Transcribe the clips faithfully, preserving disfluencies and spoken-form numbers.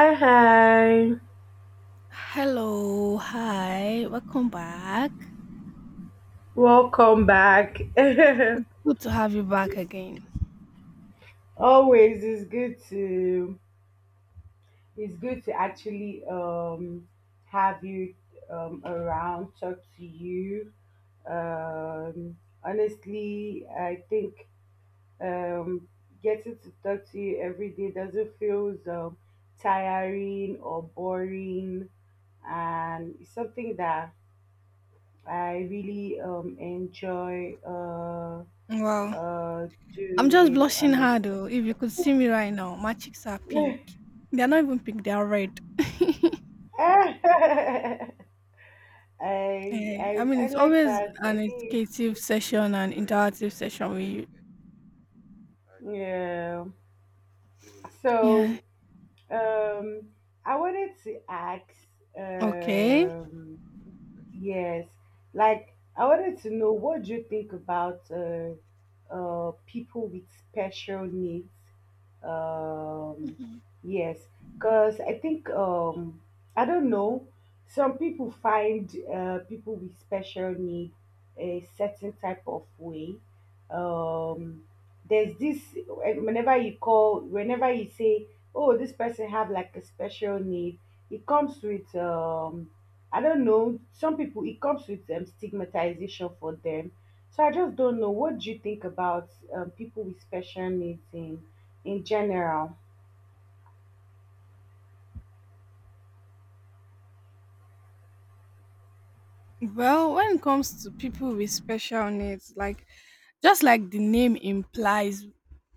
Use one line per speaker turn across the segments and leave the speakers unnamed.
Hi, hi.
Hello, hi, welcome back.
Welcome back.
Good to have you back again.
Always it's good to it's good to actually um have you um around, talk to you. Um honestly, I think um getting to talk to you every day doesn't feel um tiring or boring, and it's something that I really um enjoy. Uh
Wow,
uh
I'm just
Doing
blushing hard
honestly.
though. If you could see me right now, my cheeks are pink. They're not even pink, they're red.
i
Eh, I
i
mean,
i
it's
like
always
that,
an
I mean.
educative session and interactive session with you.
Yeah,
Yeah,
so um I wanted to ask.
okay.
um Yes, like I wanted to know, what do you think about uh, uh, people with special needs? Um, yes, because I think, um, I don't know. Some people find uh, people with special need a certain type of way. Um, there's this, eh, whenever you call, whenever you say, "Oh, this person have like a special need," it comes with, um, I don't know. Some people it comes with um, stigmatization for them. So I just don't know. What do you think about um, people with special needs in in general?
Well, when it comes to people with special needs, like just like the name implies,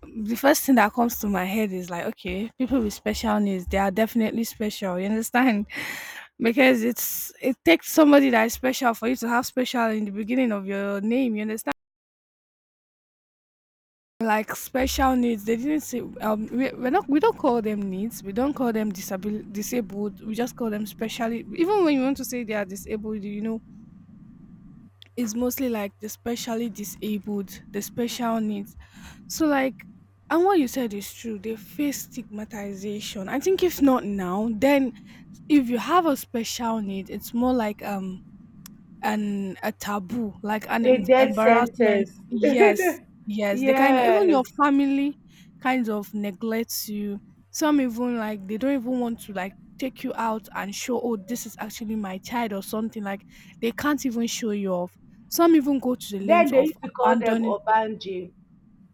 the first thing that comes to my head is like, okay, people with special needs, they are definitely special. You understand? Because it's it takes somebody that is special for you to have special in the beginning of your name. You understand? Like special needs, they didn't say. Um, we we're not we don't call them needs. We don't call them disabil- disabled. We just call them specially. Even when you want to say they are disabled, you know is mostly like the specially disabled, the special needs. So like and what you said is true. They face stigmatization. I think if not now, then if you have a special need, it's more like um and a taboo, like an
A
en-
death
embarrassment.
sentence.
Yes, yes, they kind of even your
Yes.
family kind of neglects you. Some even like they don't even want to like take you out and show, oh, this is actually my child or something. Like they can't even show you off. Some even go to the
Then
length
they
of
used to call them
abandoning.
Obanje.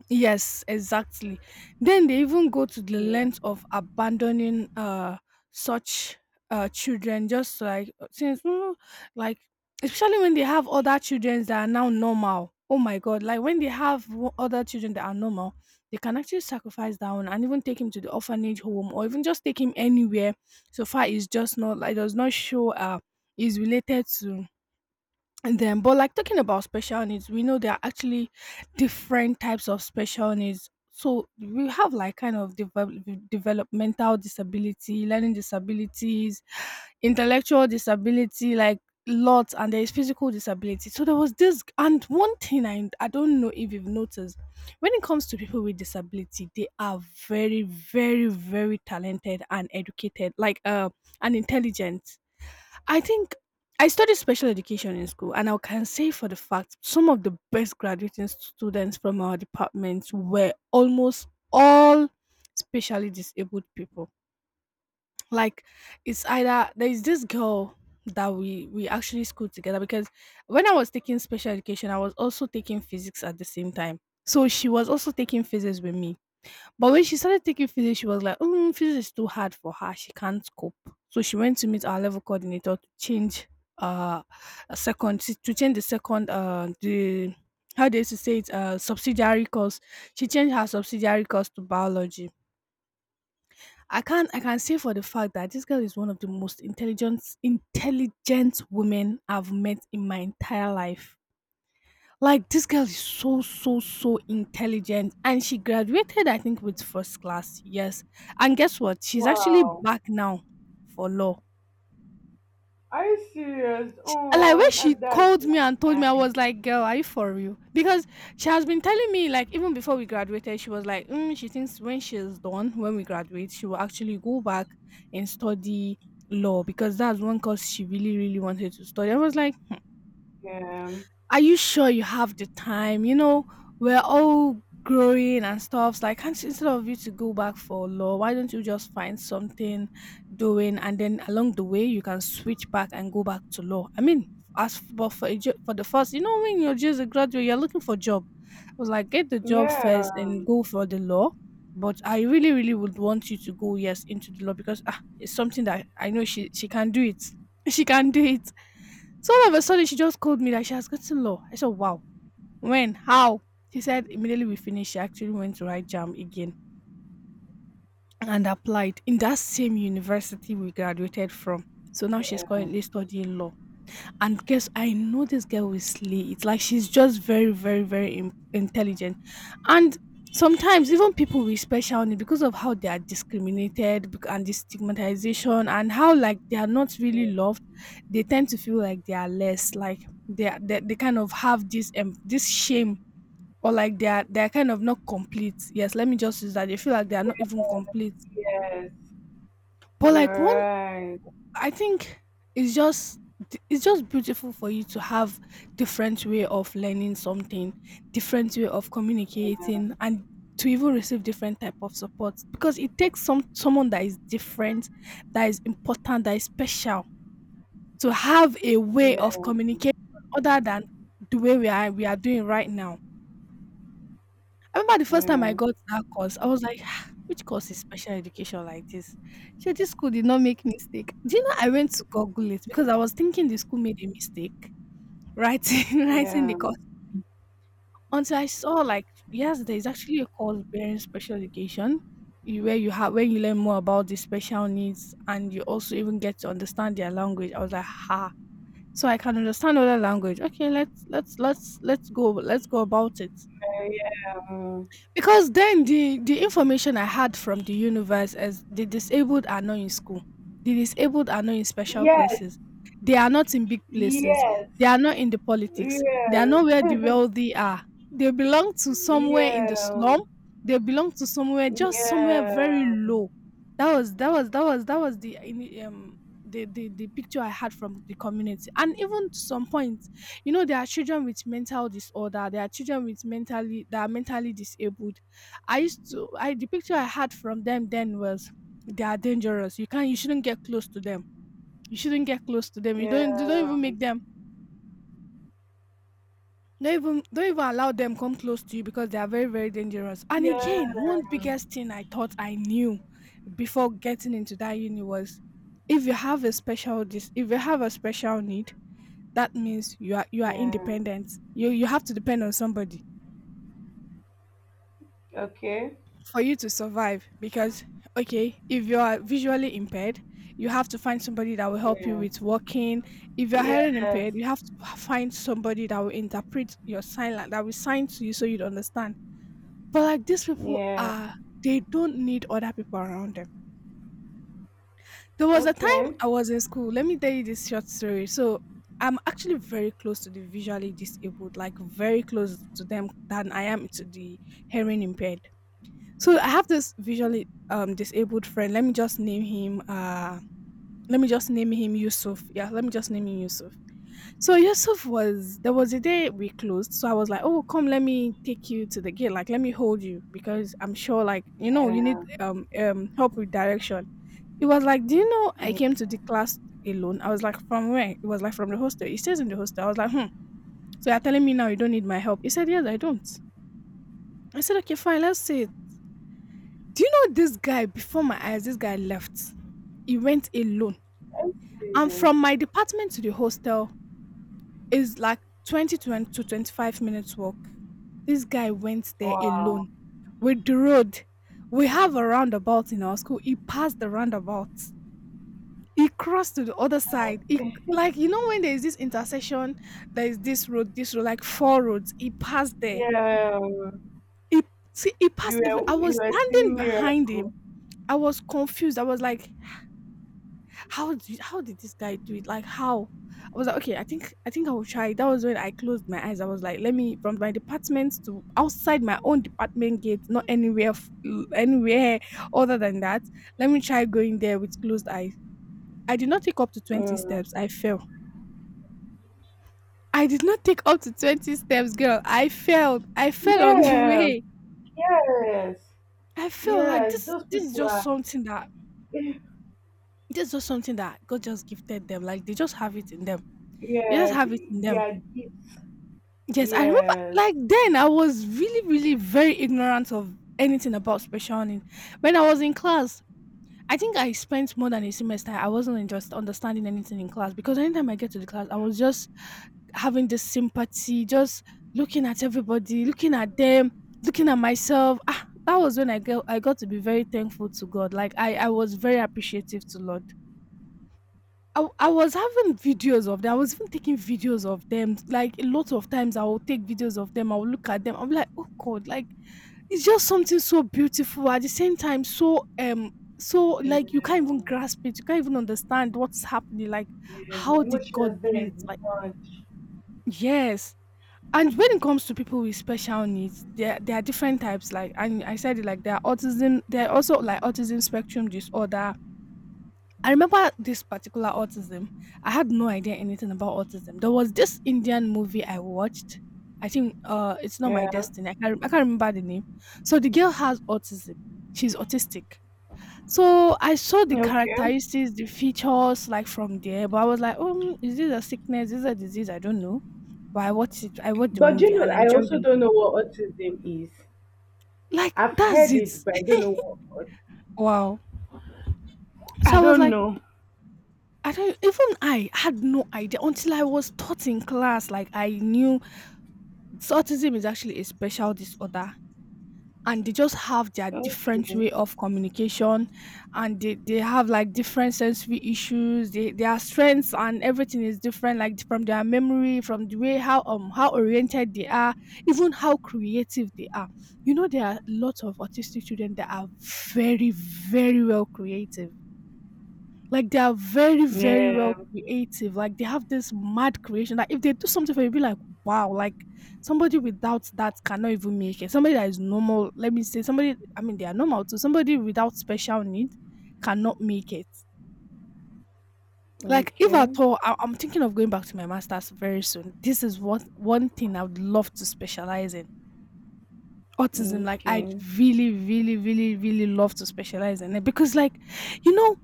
Yes, exactly. Then they even go to the
Yeah.
length of abandoning uh such uh children just like uh, since mm, like especially when they have other children that are now normal. Oh my god, like when they have wo- other children that are normal, they can actually sacrifice that one and even take him to the orphanage home or even just take him anywhere so far it's just not like does not show uh is related to. And then, but like talking about special needs, we know there are actually different types of special needs. So we have like kind of develop, developmental disability, learning disabilities, intellectual disability, like lots, and there is physical disability. So there was this, and one thing I I don't know if you've noticed, when it comes to people with disability, they are very, very, very talented and educated, like uh, and intelligent. I think I studied special education in school, and I can say for the fact some of the best graduating students from our departments were almost all specially disabled people. Like it's either there is this girl that we we actually schooled together because when I was taking special education, I was also taking physics at the same time. So she was also taking physics with me. But when she started taking physics, she was like, mm, physics is too hard for her. She can't cope. So she went to meet our level coordinator to change uh a second to change the second uh the how they used to say it uh subsidiary course. She changed her subsidiary course to biology. I can I can say for the fact that this girl is one of the most intelligent intelligent women I've met in my entire life. Like this girl is so so so intelligent and she graduated I think with first class. Yes. And guess what? She's actually
Wow.
back now for law.
Are you serious?
And, Like when
Oh,
she
that- that's
called me
like
and told me, I was
nice.
like, "Girl, are you for real?" Because she has been telling me, like, even before we graduated, she was like, mm, "She thinks when she's done, when we graduate, she will actually go back and study law because that's one course she really, really wanted to study." I was like,
Yeah.
are you sure you have the time? You know, we're all growing and stuff. So, like, can't instead of you to go back for law, why don't you just find something doing, and then along the way you can switch back and go back to law. I mean, as f- but for a jo- for the first, you know, when you're just a graduate, you're looking for job. I was like, get the job
Yeah.
first and go for the law. But I really, really would want you to go yes into the law because ah, it's something that I know she she can do it. She can do it. So all of a sudden, she just called me that she has gotten law. I said, wow. When? How? She said, immediately we finished, she actually went to write jam again and applied in that same university we graduated from. So now she's currently studying law. And guess I know this girl will slay it. Like she's just very, very, very in- intelligent. And sometimes even people with special needs, because of how they are discriminated bec- and the stigmatization and how like they are not really
Yes.
loved, they tend to feel like they are less. Like they are, they, they kind of have this um, this shame or like they are they are kind of not complete. Yes, let me just use that. They feel like they are not even complete.
Yes.
But
You're
like one
right.
I think it's just it's just beautiful for you to have different way of learning something, different way of
Yeah.
communicating, and to even receive different type of support because it takes some someone that is different, that is important, that is special to have a way
Yeah.
of communication other than the way we are we are doing right now. I remember the first time I
Yeah.
got that course, I was like, "Ah, which course is special education like this? Sure, this school did not make mistake. Do you know I went to Google it because I was thinking the school made a mistake writing writing the
Yeah.
course until I saw like yes, there is actually a course bearing special education. You, where you have where you learn more about the special needs and you also even get to understand their language." I was like, ha. So I can understand other language. Okay, let's let's let's let's go let's go about it.
Yeah.
Because then the the information I had from the universe is the disabled are not in school. The disabled are not in special
Yes.
places. They are not in big places.
Yes.
They are not in the politics. They are
Yes.
not where the wealthy are. They belong to somewhere in the
Yeah.
slum. They belong to somewhere just somewhere
Yeah.
very low. That was that was that was that was the in- um the, the the picture I had from the community. And even to some point you know there are children with mental disorder, there are children with mentally that are mentally disabled. I used to I The picture I had from them then was they are dangerous, you can't, you shouldn't get close to them, you shouldn't get close to them you don't don't
Yeah.
even make them, don't even don't even allow them come close to you because they are very very dangerous. And
Yeah.
again, one biggest thing I thought I knew before getting into that uni was if you have a special dis if you have a special need, that means you are you are
Yeah.
independent, you you have to depend on somebody
Okay.
for you to survive. Because okay, if you are visually impaired, you have to find somebody that will help you
Yeah.
with walking. If you're hearing
Yes.
impaired, you have to find somebody that will interpret your sign language, that will sign to you so you'd understand. But like these people
Yeah.
are they don't need other people around them. There was a time
Okay.
I was in school, let me tell you this short story. So I'm actually very close to the visually disabled, like very close to them than I am to the hearing impaired. So I have this visually um disabled friend. Let me just name him uh let me just name him Yusuf. Yeah, let me just name him Yusuf. So Yusuf, was there was a day we closed. So I was like, "Oh, come, let me take you to the gate. Like, let me hold you because I'm sure like, you know, you need
Yeah.
um um help with direction." It was like, "Do you know I
Yeah.
came to the class alone?" I was like, "From where?" It was like from the hostel. He stays in the hostel. I was like, hmm. "So you're telling me now you don't need my help." He said, "Yes, I don't." I said, "Okay, fine, let's see." Do you know this guy before my eyes, this guy left. He went alone. And
Yes.
from my department to the hostel is like twenty to twenty to twenty-five minutes walk. This guy went there
Wow.
alone with the road. We have a roundabout in our school. He passed the roundabout. He crossed to the other
Wow.
side. He, like, you know, when there is this intersection, there is this road, this road, like four roads. He passed there.
Yeah.
He, see, he
You
passed. every- I
were you
was
were
standing
seeing
behind him.
miracle.
I was confused. I was like, how did how did this guy do it? Like how? I was like, okay, I think I think I will try. That was when I closed my eyes. I was like, let me from my department to outside my own department gate, not anywhere f- anywhere other than that. Let me try going there with closed eyes. I did not take up to twenty steps.
Mm.
I fell. I did not take up to twenty steps, girl. I fell. I fell on the
Yeah.
way.
Yes.
I feel like
Yes.
this
Those
this is
people
just
are.
something that this is just something that God just gifted them. Like they just have it in them. They just
Yeah,
have it
the,
in them.
their gifts.
Yes, I remember
Yes.
like then I was really, really very ignorant of anything about special learning. When I was in class, I think I spent more than a semester. I wasn't in just understanding anything in class because anytime I get to the class, I was just having this sympathy, just looking at everybody, looking at them, looking at myself. Ah, that was when I got I got to be very thankful to God. Like I, I was very appreciative to Lord. I, I was having videos of them. I was even taking videos of them. Like a lot of times, I will take videos of them. I will look at them. I'm like, oh God, like it's just something so beautiful. At the same time, so um, so
And,
like you can't even
um,
grasp it. You can't even understand what is happening. Like,
yeah, the
how did God
emotions
do
there is
it? Like,
much.
yes. And when it comes to people with special needs, there there are different types. Like, and I said it like there are autism. There are also like autism spectrum disorder. I remember this particular autism. I had no idea anything about autism. There was this Indian movie I watched. I think uh, it's not my
Yeah.
destiny. I can't, I can't remember the name. So the girl has autism. She's autistic. So I saw the
Okay.
characteristics, the features, like from there. But I was like, oh, is this a sickness? Is this a disease? I don't know. But I watched it. I watched the
But
movie
you know,
and I
I
enjoyed
also
them.
don't know what autism is.
Like
I've
that's
heard
it.
it, but I don't know what. aut-
Wow. So
I
I was
don't
like,
know.
I don't even I had no idea until I was taught in class. Like I knew. So autism is actually a special disorder and they just have their different
Okay.
way of communication, and they, they have like different sensory issues, they, their strengths and everything is different, like from their memory, from the way how um how oriented they are, even how creative they are. You know, there are lots of autistic children that are very, very well creative. Like they are very, very well
Yeah.
creative. Like they have this mad creation that if they do something for you, you'll be like, wow, like somebody without that cannot even make it. Somebody that is normal, let me say, somebody, I mean, they are normal too. Somebody without special need cannot make it. Like if
Okay.
at all, I- I'm thinking of going back to my master's very soon. This is what one thing I would love to specialize in autism, like I
Okay.
really, really, really, really love to specialize in it because like, you know,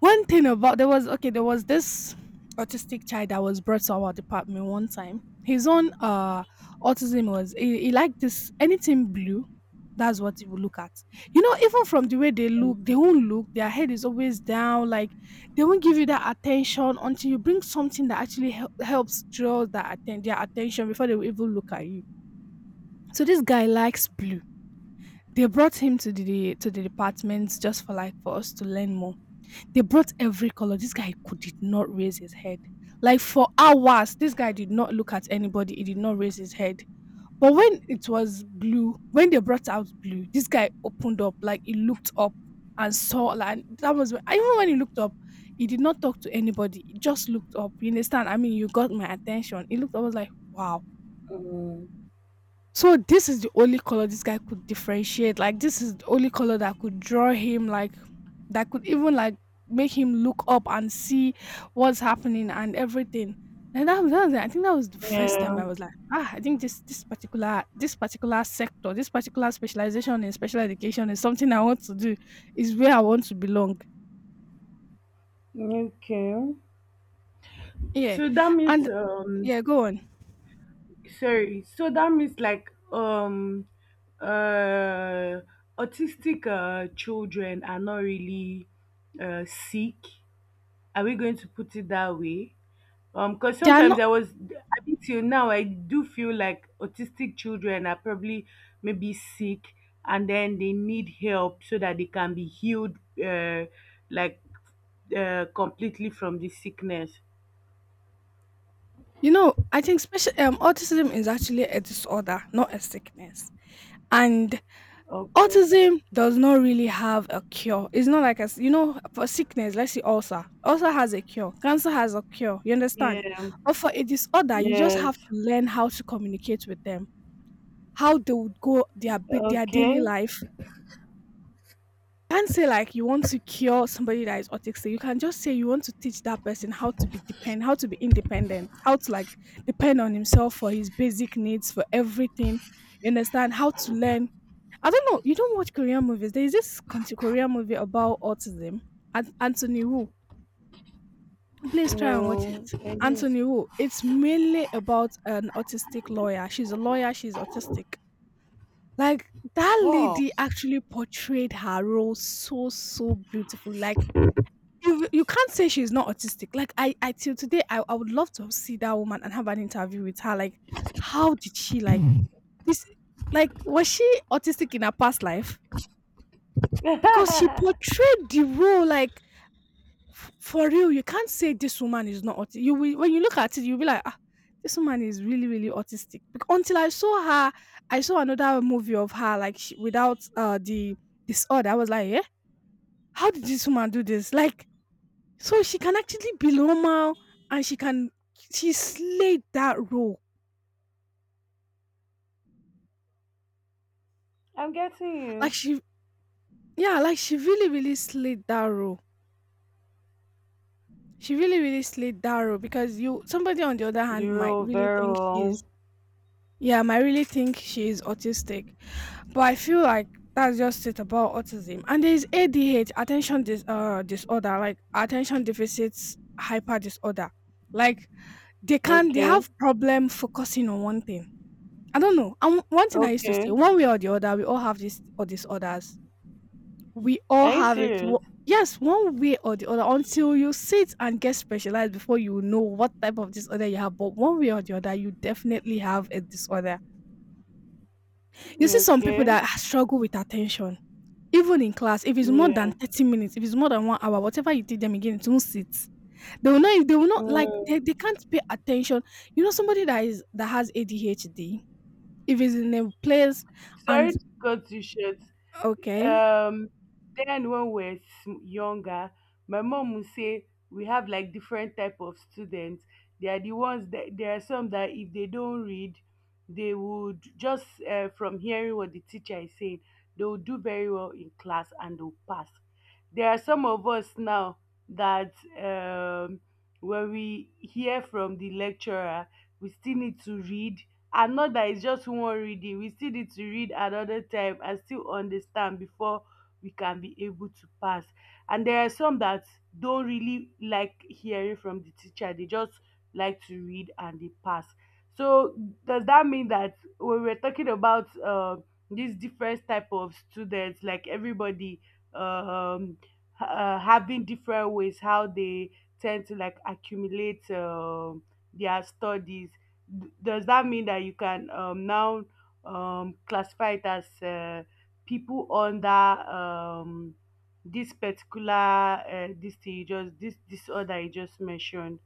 one thing about there was okay, there was this autistic child that was brought to our department one time. His own uh autism was he, he liked this anything blue. That's what he would look at. You know, even from the way they look, they won't look. Their head is always down. Like they won't give you that attention until you bring something that actually hel- helps draw that atten- their attention before they will even look at you. So this guy likes blue. They brought him to the to the department just for like for us to learn more. They brought every color. This guy could did not raise his head. Like for hours, this guy did not look at anybody. He did not raise his head. But when it was blue, when they brought out blue, this guy opened up, like he looked up and saw like that was when- even when he looked up, he did not talk to anybody. He just looked up. You understand? I mean, you got my attention. He looked up, I was like, wow.
Mm.
So this is the only color this guy could differentiate. Like this is the only color that could draw him, like that could even like make him look up and see what's happening and everything. And that, was- that was, I think that was the first time
Yeah.
I was like, ah, I think this this particular this particular sector, this particular specialization in special education is something I want to do. Is where I want to belong.
Okay.
Yeah,
So that
and
means, um
yeah, go on.
sorry, so that means like, um uh autistic uh children are not really uh sick? Are we going to put it that way? Um because
They are
sometimes
not.
I was, I think till now I do feel like autistic children are probably maybe sick, and then they need help so that they can be healed, uh like, uh, completely from the sickness.
You know, I think special um, autism is actually a disorder, not a sickness, and
Okay.
autism does not really have a cure. It's not like as you know, for sickness, let's say ulcer. Ulcer has a cure. Cancer has a cure. You understand?
Yeah.
But for a disorder, you just have
Yes.
to learn how to communicate with them, how they would go their bi- their daily
Okay.
life. Can't say like you want to cure somebody that is autistic. You can just say you want to teach that person how to be depend, how to be independent, how to like depend on himself for his basic needs, for everything. You understand how to learn. I don't know. You don't watch Korean movies. There is this conti- Korean movie about autism. An- Anthony Wu. Please try and watch
No,
it.
I do.
Anthony Wu. It's mainly about an autistic lawyer. She's a lawyer. She's autistic. Like that
Oh,
lady actually portrayed her role so, so beautifully. Like you you can't say she's not autistic. Like I I till today, I, I would love to see that woman and have an interview with her. Like how did she like this? Like was she autistic in her past life? Because she
I'm
portrayed the role like f- for real. You can't say this woman is not autistic. You will, when you look at it, you'll be like, ah, this woman is really, really autistic. Bec- until I saw her, I saw another movie of her like she, without uh the disorder. I was like, yeah, how did this woman do this? Like, so she can actually be normal and she can, she slayed that role.
getting
Like
you.
she, yeah, like she really, really slayed that role. She really, really slayed that role because you somebody on the other hand
You
might
roll
really
very
think she's.
well.
Yeah, um, I really think she is autistic, but I feel like that's just it about autism. And there is A D H, attention dis- uh, disorder, like attention deficits hyper disorder. Like they can, they
Okay,
have problem focusing on one thing. I don't know. And one thing I used to say,
okay.
one way or the other, we all have this or disorders. We all
Are you
have it.
serious?
wo- Yes, one way or the other, until you sit and get specialized before you know what type of disorder you have. But one way or the other, you definitely have a disorder. You see some people
Okay,
that struggle with attention, even in class. If it's more
yeah.
than thirty minutes, if it's more than one hour, whatever you teach them again, it won't sit. They will not they will not like
Mm.
they, they can't pay attention. You know, somebody that is that has A D H D, if it's in a place
Sorry
and
to cut you short.
okay.
um then when we're sm- younger, my mom would say we have like different type of students. They are the ones that, there are some that if they don't read, they would just, uh, from hearing what the teacher is saying, they will do very well in class and they'll pass. There are some of us now that, um when we hear from the lecturer, we still need to read, and not that it's just one reading, we still need to read another time and still understand before we can be able to pass. And there are some that don't really like hearing from the teacher, they just like to read and they pass. So does that mean that when we're talking about, uh, these different type of students, like everybody um ha- uh, having different ways how they tend to like accumulate um their studies? D- does that mean that you can, um, now, um, classify it as, uh, people under, um, this particular, uh, this thing you just this disorder you just mentioned?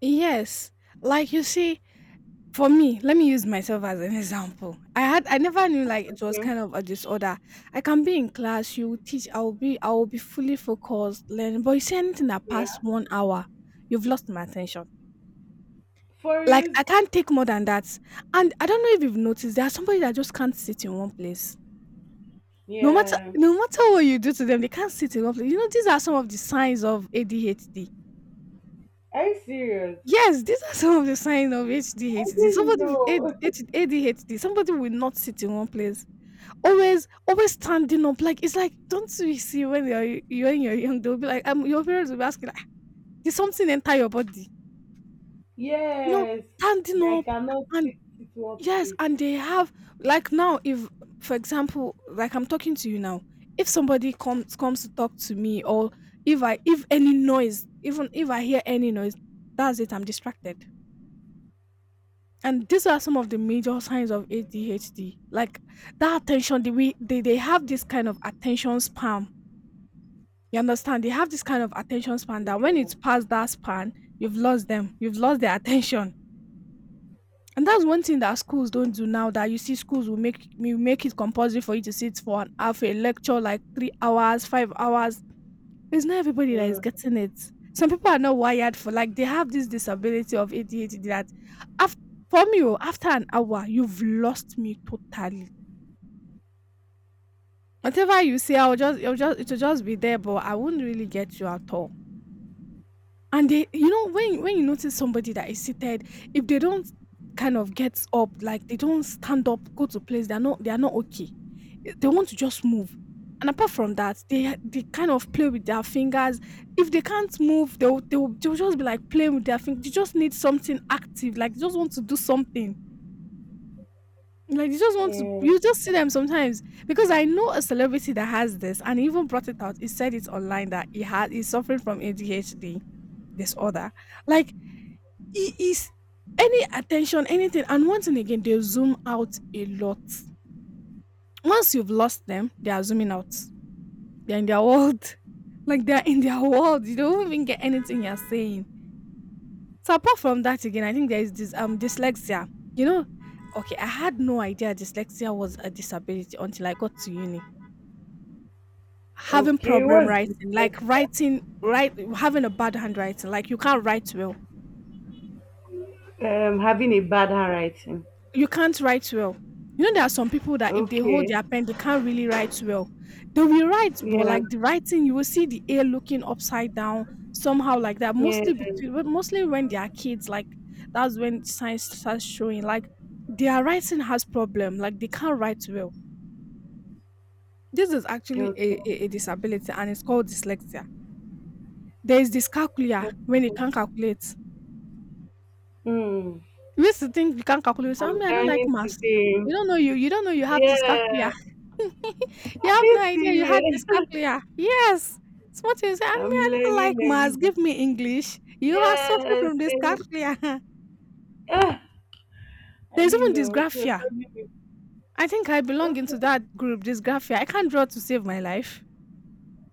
Yes. Like you see, for me, let me use myself as an example. I had I never knew like it was
Okay.
kind of a disorder. I can be in class, you teach, I'll be I'll be fully focused, learning. But you say anything that
Yeah.
past one hour, you've lost my attention.
For
Like
use.
I can't take more than that. And I don't know if you've noticed there are somebody that just can't sit in one place. No matter
Yeah.
no matter what you do to them, they can't sit in one place. You know, these are some of the signs of A D H D.
Are you serious?
Yes, these are some of the signs of
I
A D H D.
didn't
Somebody with
know.
A D H D, somebody will not sit in one place. Always, always standing up. Like it's like, don't you see when you're you when you're young, they'll be like, um, your parents will be asking, like, "Ah, did something enter your body? You know,
Yes.
standing
They
up
cannot
and
sit sit one
yes,
place.
and they have like now, if for example, like I'm talking to you now, if somebody comes comes to talk to me or if I if any noise, even if I hear any noise, that's it, I'm distracted. And these are some of the major signs of A D H D. Like that attention, the we they, they have this kind of attention spam. You understand? They have this kind of attention span that when
Yeah.
it's past that span, you've lost them. You've lost their attention. And that's one thing that schools don't do now, that you see schools will make will make it compulsory for you to sit for an half a lecture, like three hours, five hours. It's not everybody that is
Mm,
getting it. Some people are not wired for, like they have this disability of A D H D that after for me, oh, after an hour, you've lost me totally. Whatever you say, I'll just, I'll just, it'll just be there, but I won't really get you at all. And they you know, when when you notice somebody that is seated, if they don't kind of get up, like they don't stand up, go to place, they're not they are not okay. Eh, they want to just move. And apart from that, they they kind of play with their fingers. If they can't move, they'll they'll, they'll just be like playing with their fingers. They just need something active, like they just want to do something. Like they just want to,
yeah.
you just see them sometimes. Because I know a celebrity that has this and he even brought it out. He said it online that he had he's suffering from A D H D disorder. Like it is any attention, anything, and once and again they zoom out a lot. Once you've lost them, they are zooming out. They're in their world. Like they're in their world. You don't even get anything you're saying. So apart from that again, I think there is this um dyslexia. You know, okay, I had no idea dyslexia was a disability until I got to uni. Having
Okay.
problem
What's
writing, like
dyslexia?
writing right, having a bad handwriting, like you can't write well.
Um, having a bad handwriting.
You can't write well. You know, there are some people that if they hold
Okay.
their pen, they can't really write well. They will write, but
Yeah.
like the writing, you will see the A looking upside down somehow like that. Mostly
Yeah.
between, but mostly when they are kids, like that's when science starts showing. Like their writing has problem. Like they can't write well. This is actually a,
Okay.
a, a disability, and it's called dyslexia. There is dyscalculia when you can't
Okay.
calculate.
Hmm.
You used to think you can't calculate. You say, I
I'm
me, I don't like
learning
maths.
today.
You don't know you. You don't know you have
Yeah.
dyscalculia. You
Are
have
you
no idea you had
serious?
dyscalculia. Yes. It's what you say. I
I'm
mean, I don't like
learning every
maths.
day.
Give me English. You are
Yes.
suffering
I
from
didn't,
dyscalculia.
ah, I
There's
didn't
even
know. So
dysgraphia.
maybe
I think I belong into
okay.
that group, dysgraphia. I can't draw to save my life.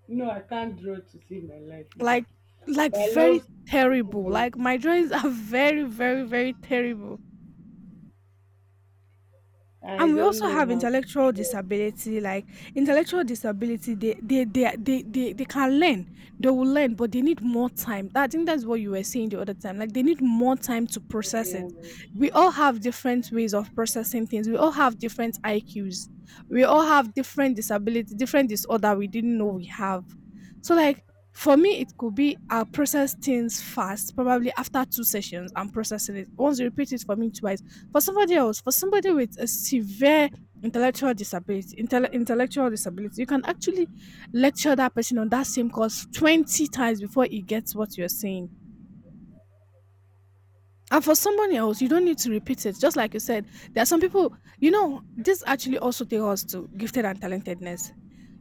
No, I can't draw to save my life
Like,
either.
like
But I
very
love
terrible.
drawing.
Like my drawings are very, very, very terrible.
I
And we
don't
also
know
have
how to
intellectual
draw.
disability. Like intellectual disability, they they they are- they they, they can learn, they will learn, but they need more time. I think that's what you were saying the other time, like they need more time to process
Yeah.
it. We all have different ways of processing things. We all have different iqs. We all have different disability, different disorder, we didn't know we have. So like for me, it could be I'll process things fast, probably after two sessions I'm processing it, once you repeat it for me twice. For somebody else, for somebody with a severe intellectual disability, intell- intellectual disability, you can actually lecture that person on that same course twenty times before he gets what you're saying. And for someone else, you don't need to repeat it. Just like you said, there are some people, you know, this actually also takes us to gifted and talentedness.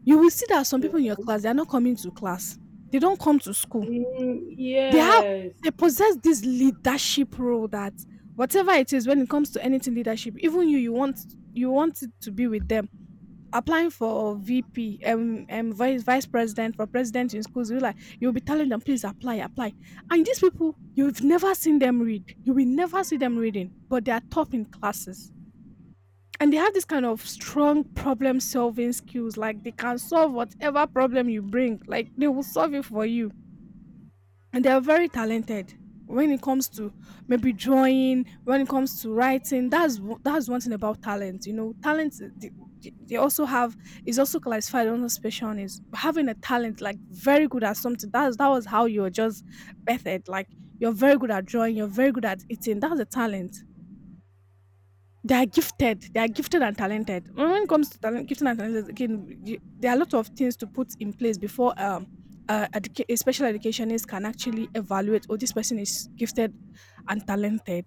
You will see that some
Yeah.
people in your class, they are not coming to class. They don't come to school.
Mm,
They have
yes.
they possess this leadership role that whatever it is, when it comes to anything leadership, even you you want, you want it to be with them. Applying for V P, um, um vice vice president for president in schools, you, like you'll be telling them, please apply, apply. And these people, you've never seen them read. You will never see them reading, but they are top in classes. And they have this kind of strong problem solving skills. Like they can solve whatever problem you bring. Like they will solve it for you, and they are very talented when it comes to maybe drawing, when it comes to writing. That's w- that's one thing about talent. You know, talent, uh, they, they they also have, is also classified under specialness, having a talent, like very good at something. That's, that was how you're just birthed. Like you're very good at drawing, you're very good at eating, that's a talent. They are gifted. They are gifted and talented. When it comes to talent, gifted and talented, again, you, there are a lot of things to put in place before um, uh, educa- a special educationist can actually evaluate, oh, this person is gifted and talented.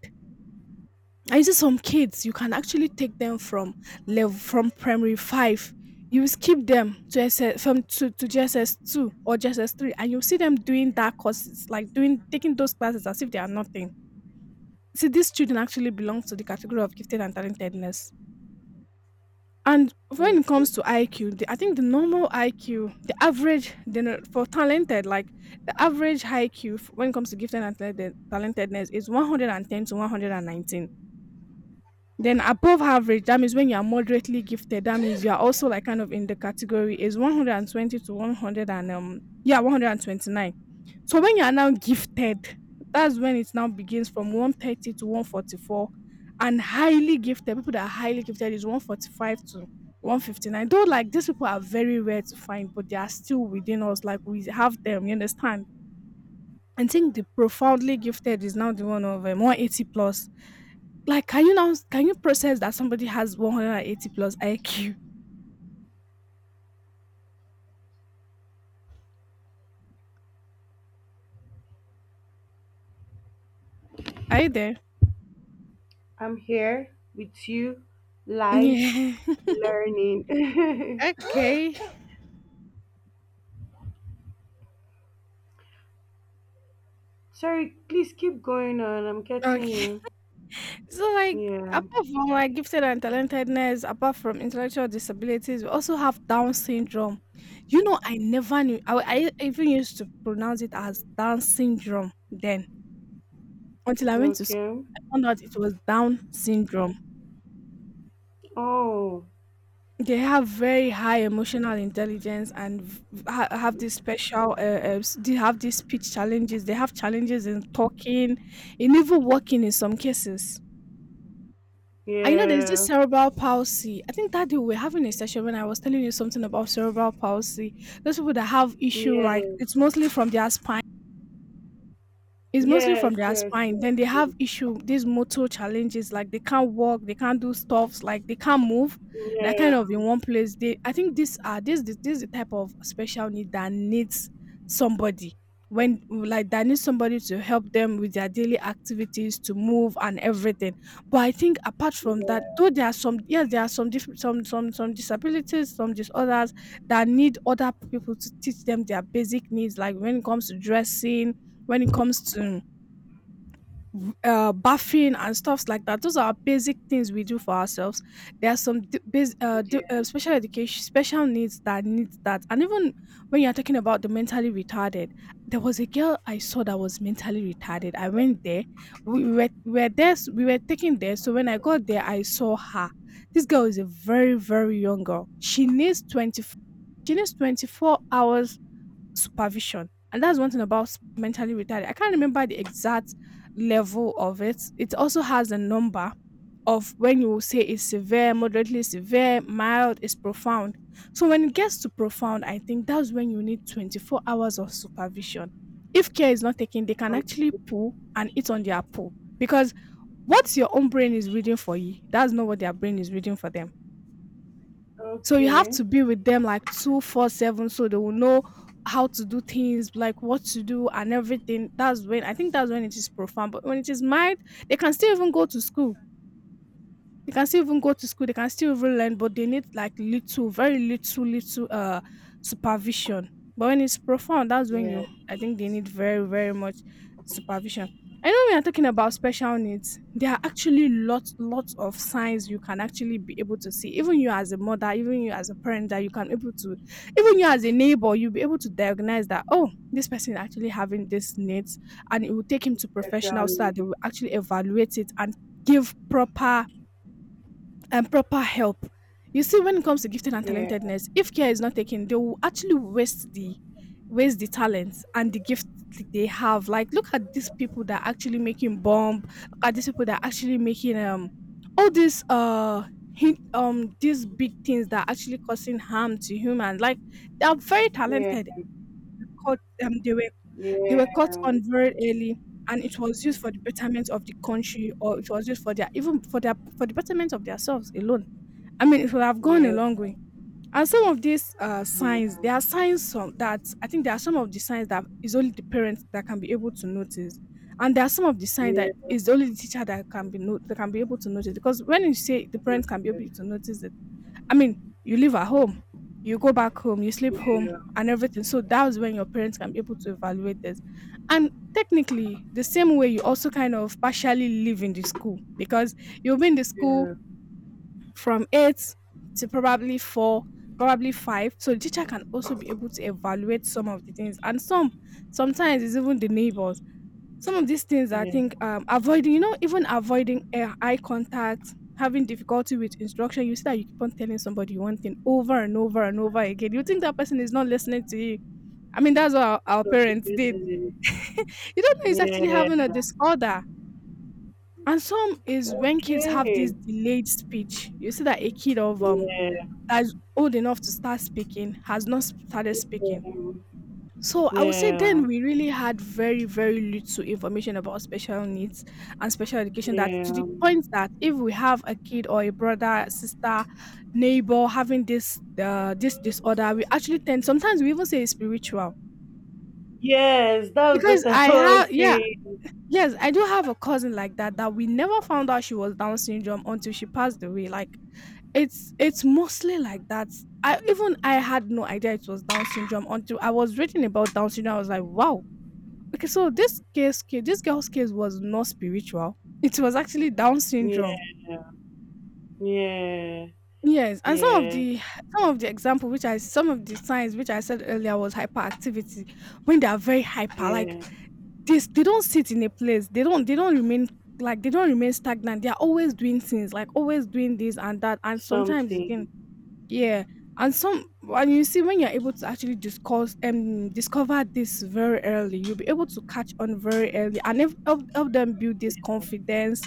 I see some kids, you can actually take them from level, from primary five. You skip them to S S, from to, to G S S two or G S S three, and you see them doing that courses, like doing taking those classes as if they are nothing. See, these children actually belong to the category of gifted and talentedness. And when it
Okay.
comes to I Q, the, I think the normal I Q, the average, the, no- for talented, like the average I Q when it comes to gifted and talented, talentedness, is a hundred and ten to one hundred nineteen. Then above average, that means when you are moderately gifted, that means you are also like kind of in the category, is one hundred twenty to one hundred and um yeah one hundred twenty-nine. So when you are now gifted, that's when it now begins from one thirty to one forty-four. And highly gifted, people that are highly gifted, is one forty-five to one fifty-nine. Though like these people are very rare to find, but they are still within us. Like we have them, you understand? I think the profoundly gifted is now the one of um, one eighty plus. Like, can you now, can you process that somebody has one hundred eighty plus I Q? Are you there?
I'm here with you, life
Yeah.
learning.
Okay.
Sorry, please keep going on. I'm getting
Okay.
you.
So, like,
Yeah.
apart from like gifted and talentedness, apart from intellectual disabilities, we also have Down syndrome. You know, I never knew. I, I even used to pronounce it as Down syndrome then, until I went to school.
Okay.
I found out it was Down syndrome.
Oh,
They have very high emotional intelligence and v- ha- have this special. Uh, uh, s- they have these speech challenges. They have challenges in talking, in even walking in some cases. And you know, there's this
yeah.
cerebral palsy. I think that day we were having a session when I was telling you something about cerebral palsy. Those people that have issue, like
Yeah.
it's mostly from their spine. It's mostly from
Yes,
their
yes,
spine.
yes,
Then they
yes.
have issue, these motor challenges, like they can't walk, they can't do stuffs, like they can't move. They're
Yeah.
kind of in one place. They, I think these are this this this is the type of special need that needs somebody, when like that needs somebody to help them with their daily activities, to move and everything. But I think apart from that,
Yeah.
though there are some, yes there are some diff- some some some disabilities, some disorders that need other people to teach them their basic needs, like when it comes to dressing, when it comes to uh, bathing and stuffs like that. Those are basic things we do for ourselves. There are some d- bas- uh, d- uh,
Yeah.
special education, special needs that needs that. And even when you're talking about the mentally retarded, there was a girl I saw that was mentally retarded. I went there. We we were, we were there. s- We were taken there. So when I got there, I saw her. This girl is a very, very young girl. She needs twenty, she needs twenty-four hours supervision. And that's one thing about mentally retarded. I can't remember the exact level of it. It also has a number of, when you say it's severe, moderately severe, mild, it's profound. So when it gets to profound, I think that's when you need twenty-four hours of supervision. If care is not taken, they can
O-
actually pull and eat on their pull, because what your own brain is reading for you, that's not what their brain is reading for them. So you have
Okay.
to be with them like twenty-four seven, so they will know how to do things, like what to do and everything. That's when, I think that's when it is profound. But when it is mild, they can still even go to school. They can still even go to school. They can still even learn, but they need like little, very little, little uh supervision. But when it's profound, that's when
Yeah.
you. I think they need very, very much supervision. I know we are talking about special needs. There are actually lots, lots of signs you can actually be able to see. Even you as a mother, even you as a parent, that you can able to, even you as a neighbor, you'll be able to diagnose that. Oh, this person actually having these needs, and it will take him to
Special
professionals so that they
needs.
will actually evaluate it and give proper and proper help. You see, when it comes to gifted and
Yeah.
talentedness, if care is not taken, they will actually waste the waste the talents and the gift th- they have. Like, look at these people that are actually making bomb. Look at these people that are actually making um all these uh hit, um these big things that are actually causing harm to humans. Like, they are very
Yeah.
talented. Caught um they were they
Yeah.
were caught on very early, and it was used for the betterment of the country, or it was used for their, even for their, for the betterment of themselves alone. I mean, it would have gone a
Yeah. Yeah.
long way. And some of these uh,
Yeah.
signs, there are signs, some that I think, there are some of the signs that is only the parents that can be able to notice, and there are some of the signs
Yeah.
that is only the teacher that can be no- that can be able to notice. Because when you say the
Yeah.
parents can be able to notice it, I mean, you live at home, you go back home, you sleep home, and everything. So that was when your parents can be able to evaluate this, and technically the same way you also kind of partially live in the school because you'll be in the school
Yeah.
from eight to probably four, probably five, so the teacher can also be able to evaluate some of the things. And some, sometimes it's even the neighbors. Some of these things, I
Yeah.
think, um avoiding, you know, even avoiding uh, eye contact, having difficulty with instruction. You see that you keep on telling somebody one thing over and over and over again, you think that person is not listening to you. I mean, that's what our, our
Plus the
parents did.
business.
You don't know it's actually
Yeah.
having a disorder. And some is when kids have this
Okay.
delayed speech. You see that a kid of um
Yeah.
that's old enough to start speaking has not started speaking.
Um,
So I would say
yeah.
then we really had very, very little information about special needs and special education, that to
Yeah.
the point that if we have a kid or a brother, sister, neighbor having this uh, this disorder, we actually tend, sometimes we even say it's spiritual.
Yes, that's
Because
what I
I have,
was
yeah,
saying.
yes, I do have a cousin like that, that we never found out she was Down syndrome until she passed away. Like, It's it's mostly like that. I even I had no idea it was Down syndrome until I was reading about Down syndrome. I was like, wow. Okay, so this case, ca- this girl's case was not spiritual. It was actually Down syndrome.
Yeah, yeah,
Yes, and some of
yeah,
the, some of the example which I, some of the signs which I said earlier was hyperactivity. When they are very hyper, like
yeah.
this, they don't sit in a place. They don't they don't remain like they don't remain stagnant. They are always doing things, like always doing this and that. And sometimes
Something.
again, yeah. And some, and you see, when you're able to actually discuss and, um, discover this very early, you'll be able to catch on very early, and if, help help them build this confidence.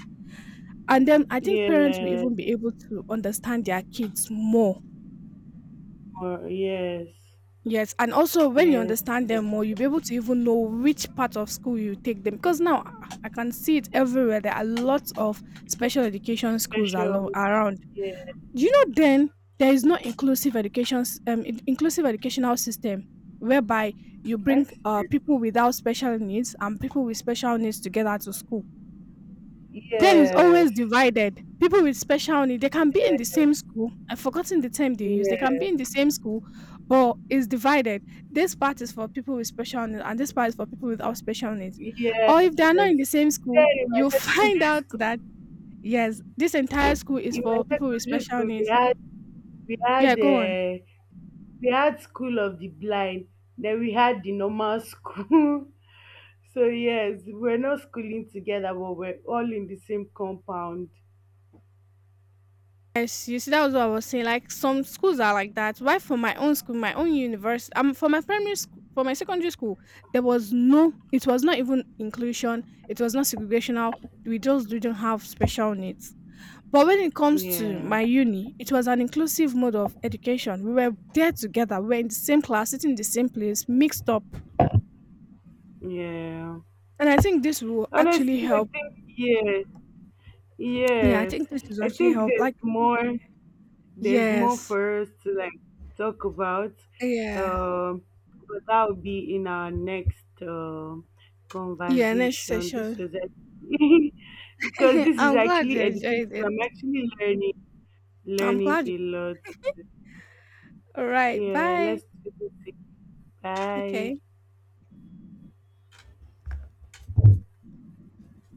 And then I think parents will
Yeah,
even be able to understand their kids more.
or yes,
Yes, and also when you
yes.
understand them more, you'll be able to even know which part of school you take them, because now I I can see it everywhere. There are lots of special education schools
Special.
alo- around.
Yeah,
Do you know then there is no inclusive education s- um, in- inclusive educational system whereby you
I
bring uh,
see.
people without special needs and people with special needs together to school. Then it's always
Yes,
divided. People with special needs, they can be in the same school. I've forgotten the term they use. They can be
yes,
in the same school, but it's divided. This part is for people with special needs, and this part is for people without special needs.
yes.
Or if they are not in the same school,
Then in my
you'll find
secondary
out
school,
that yes, this entire
in
school is
in my
for people with
secondary
special
school, we
needs.
had we had
Yeah, go on.
uh, we had school of the blind. Then we had the normal school. So yes, we're not schooling together, but we're all in the same compound.
Yes, you see, that was what I was saying. Like some schools are like that. Why for my own school, my own university, um, for my primary school, for my secondary school, there was no. It was not even inclusion. It was not segregational. We just didn't have special needs. But when it comes to
Yeah,
my uni, it was an inclusive mode of education. We were there together. We were in the same class, sitting in the same place, mixed up.
yeah.
And I think this will actually
Honestly,
help.
I think yes,
Yeah, I
yes.
think this will
I
actually
think
help.
there's
Like
more. There's more
yes,
for us to like talk about.
yeah,
Um, but that will be in our next um
yeah. Next
conversation. This
session.
was actually, because this is
I'm glad you
actually educative.
enjoyed it.
I'm actually learning,
I'm
learning
glad you
a lot.
Alright,
Yeah,
bye.
let's do this. Bye.
Okay.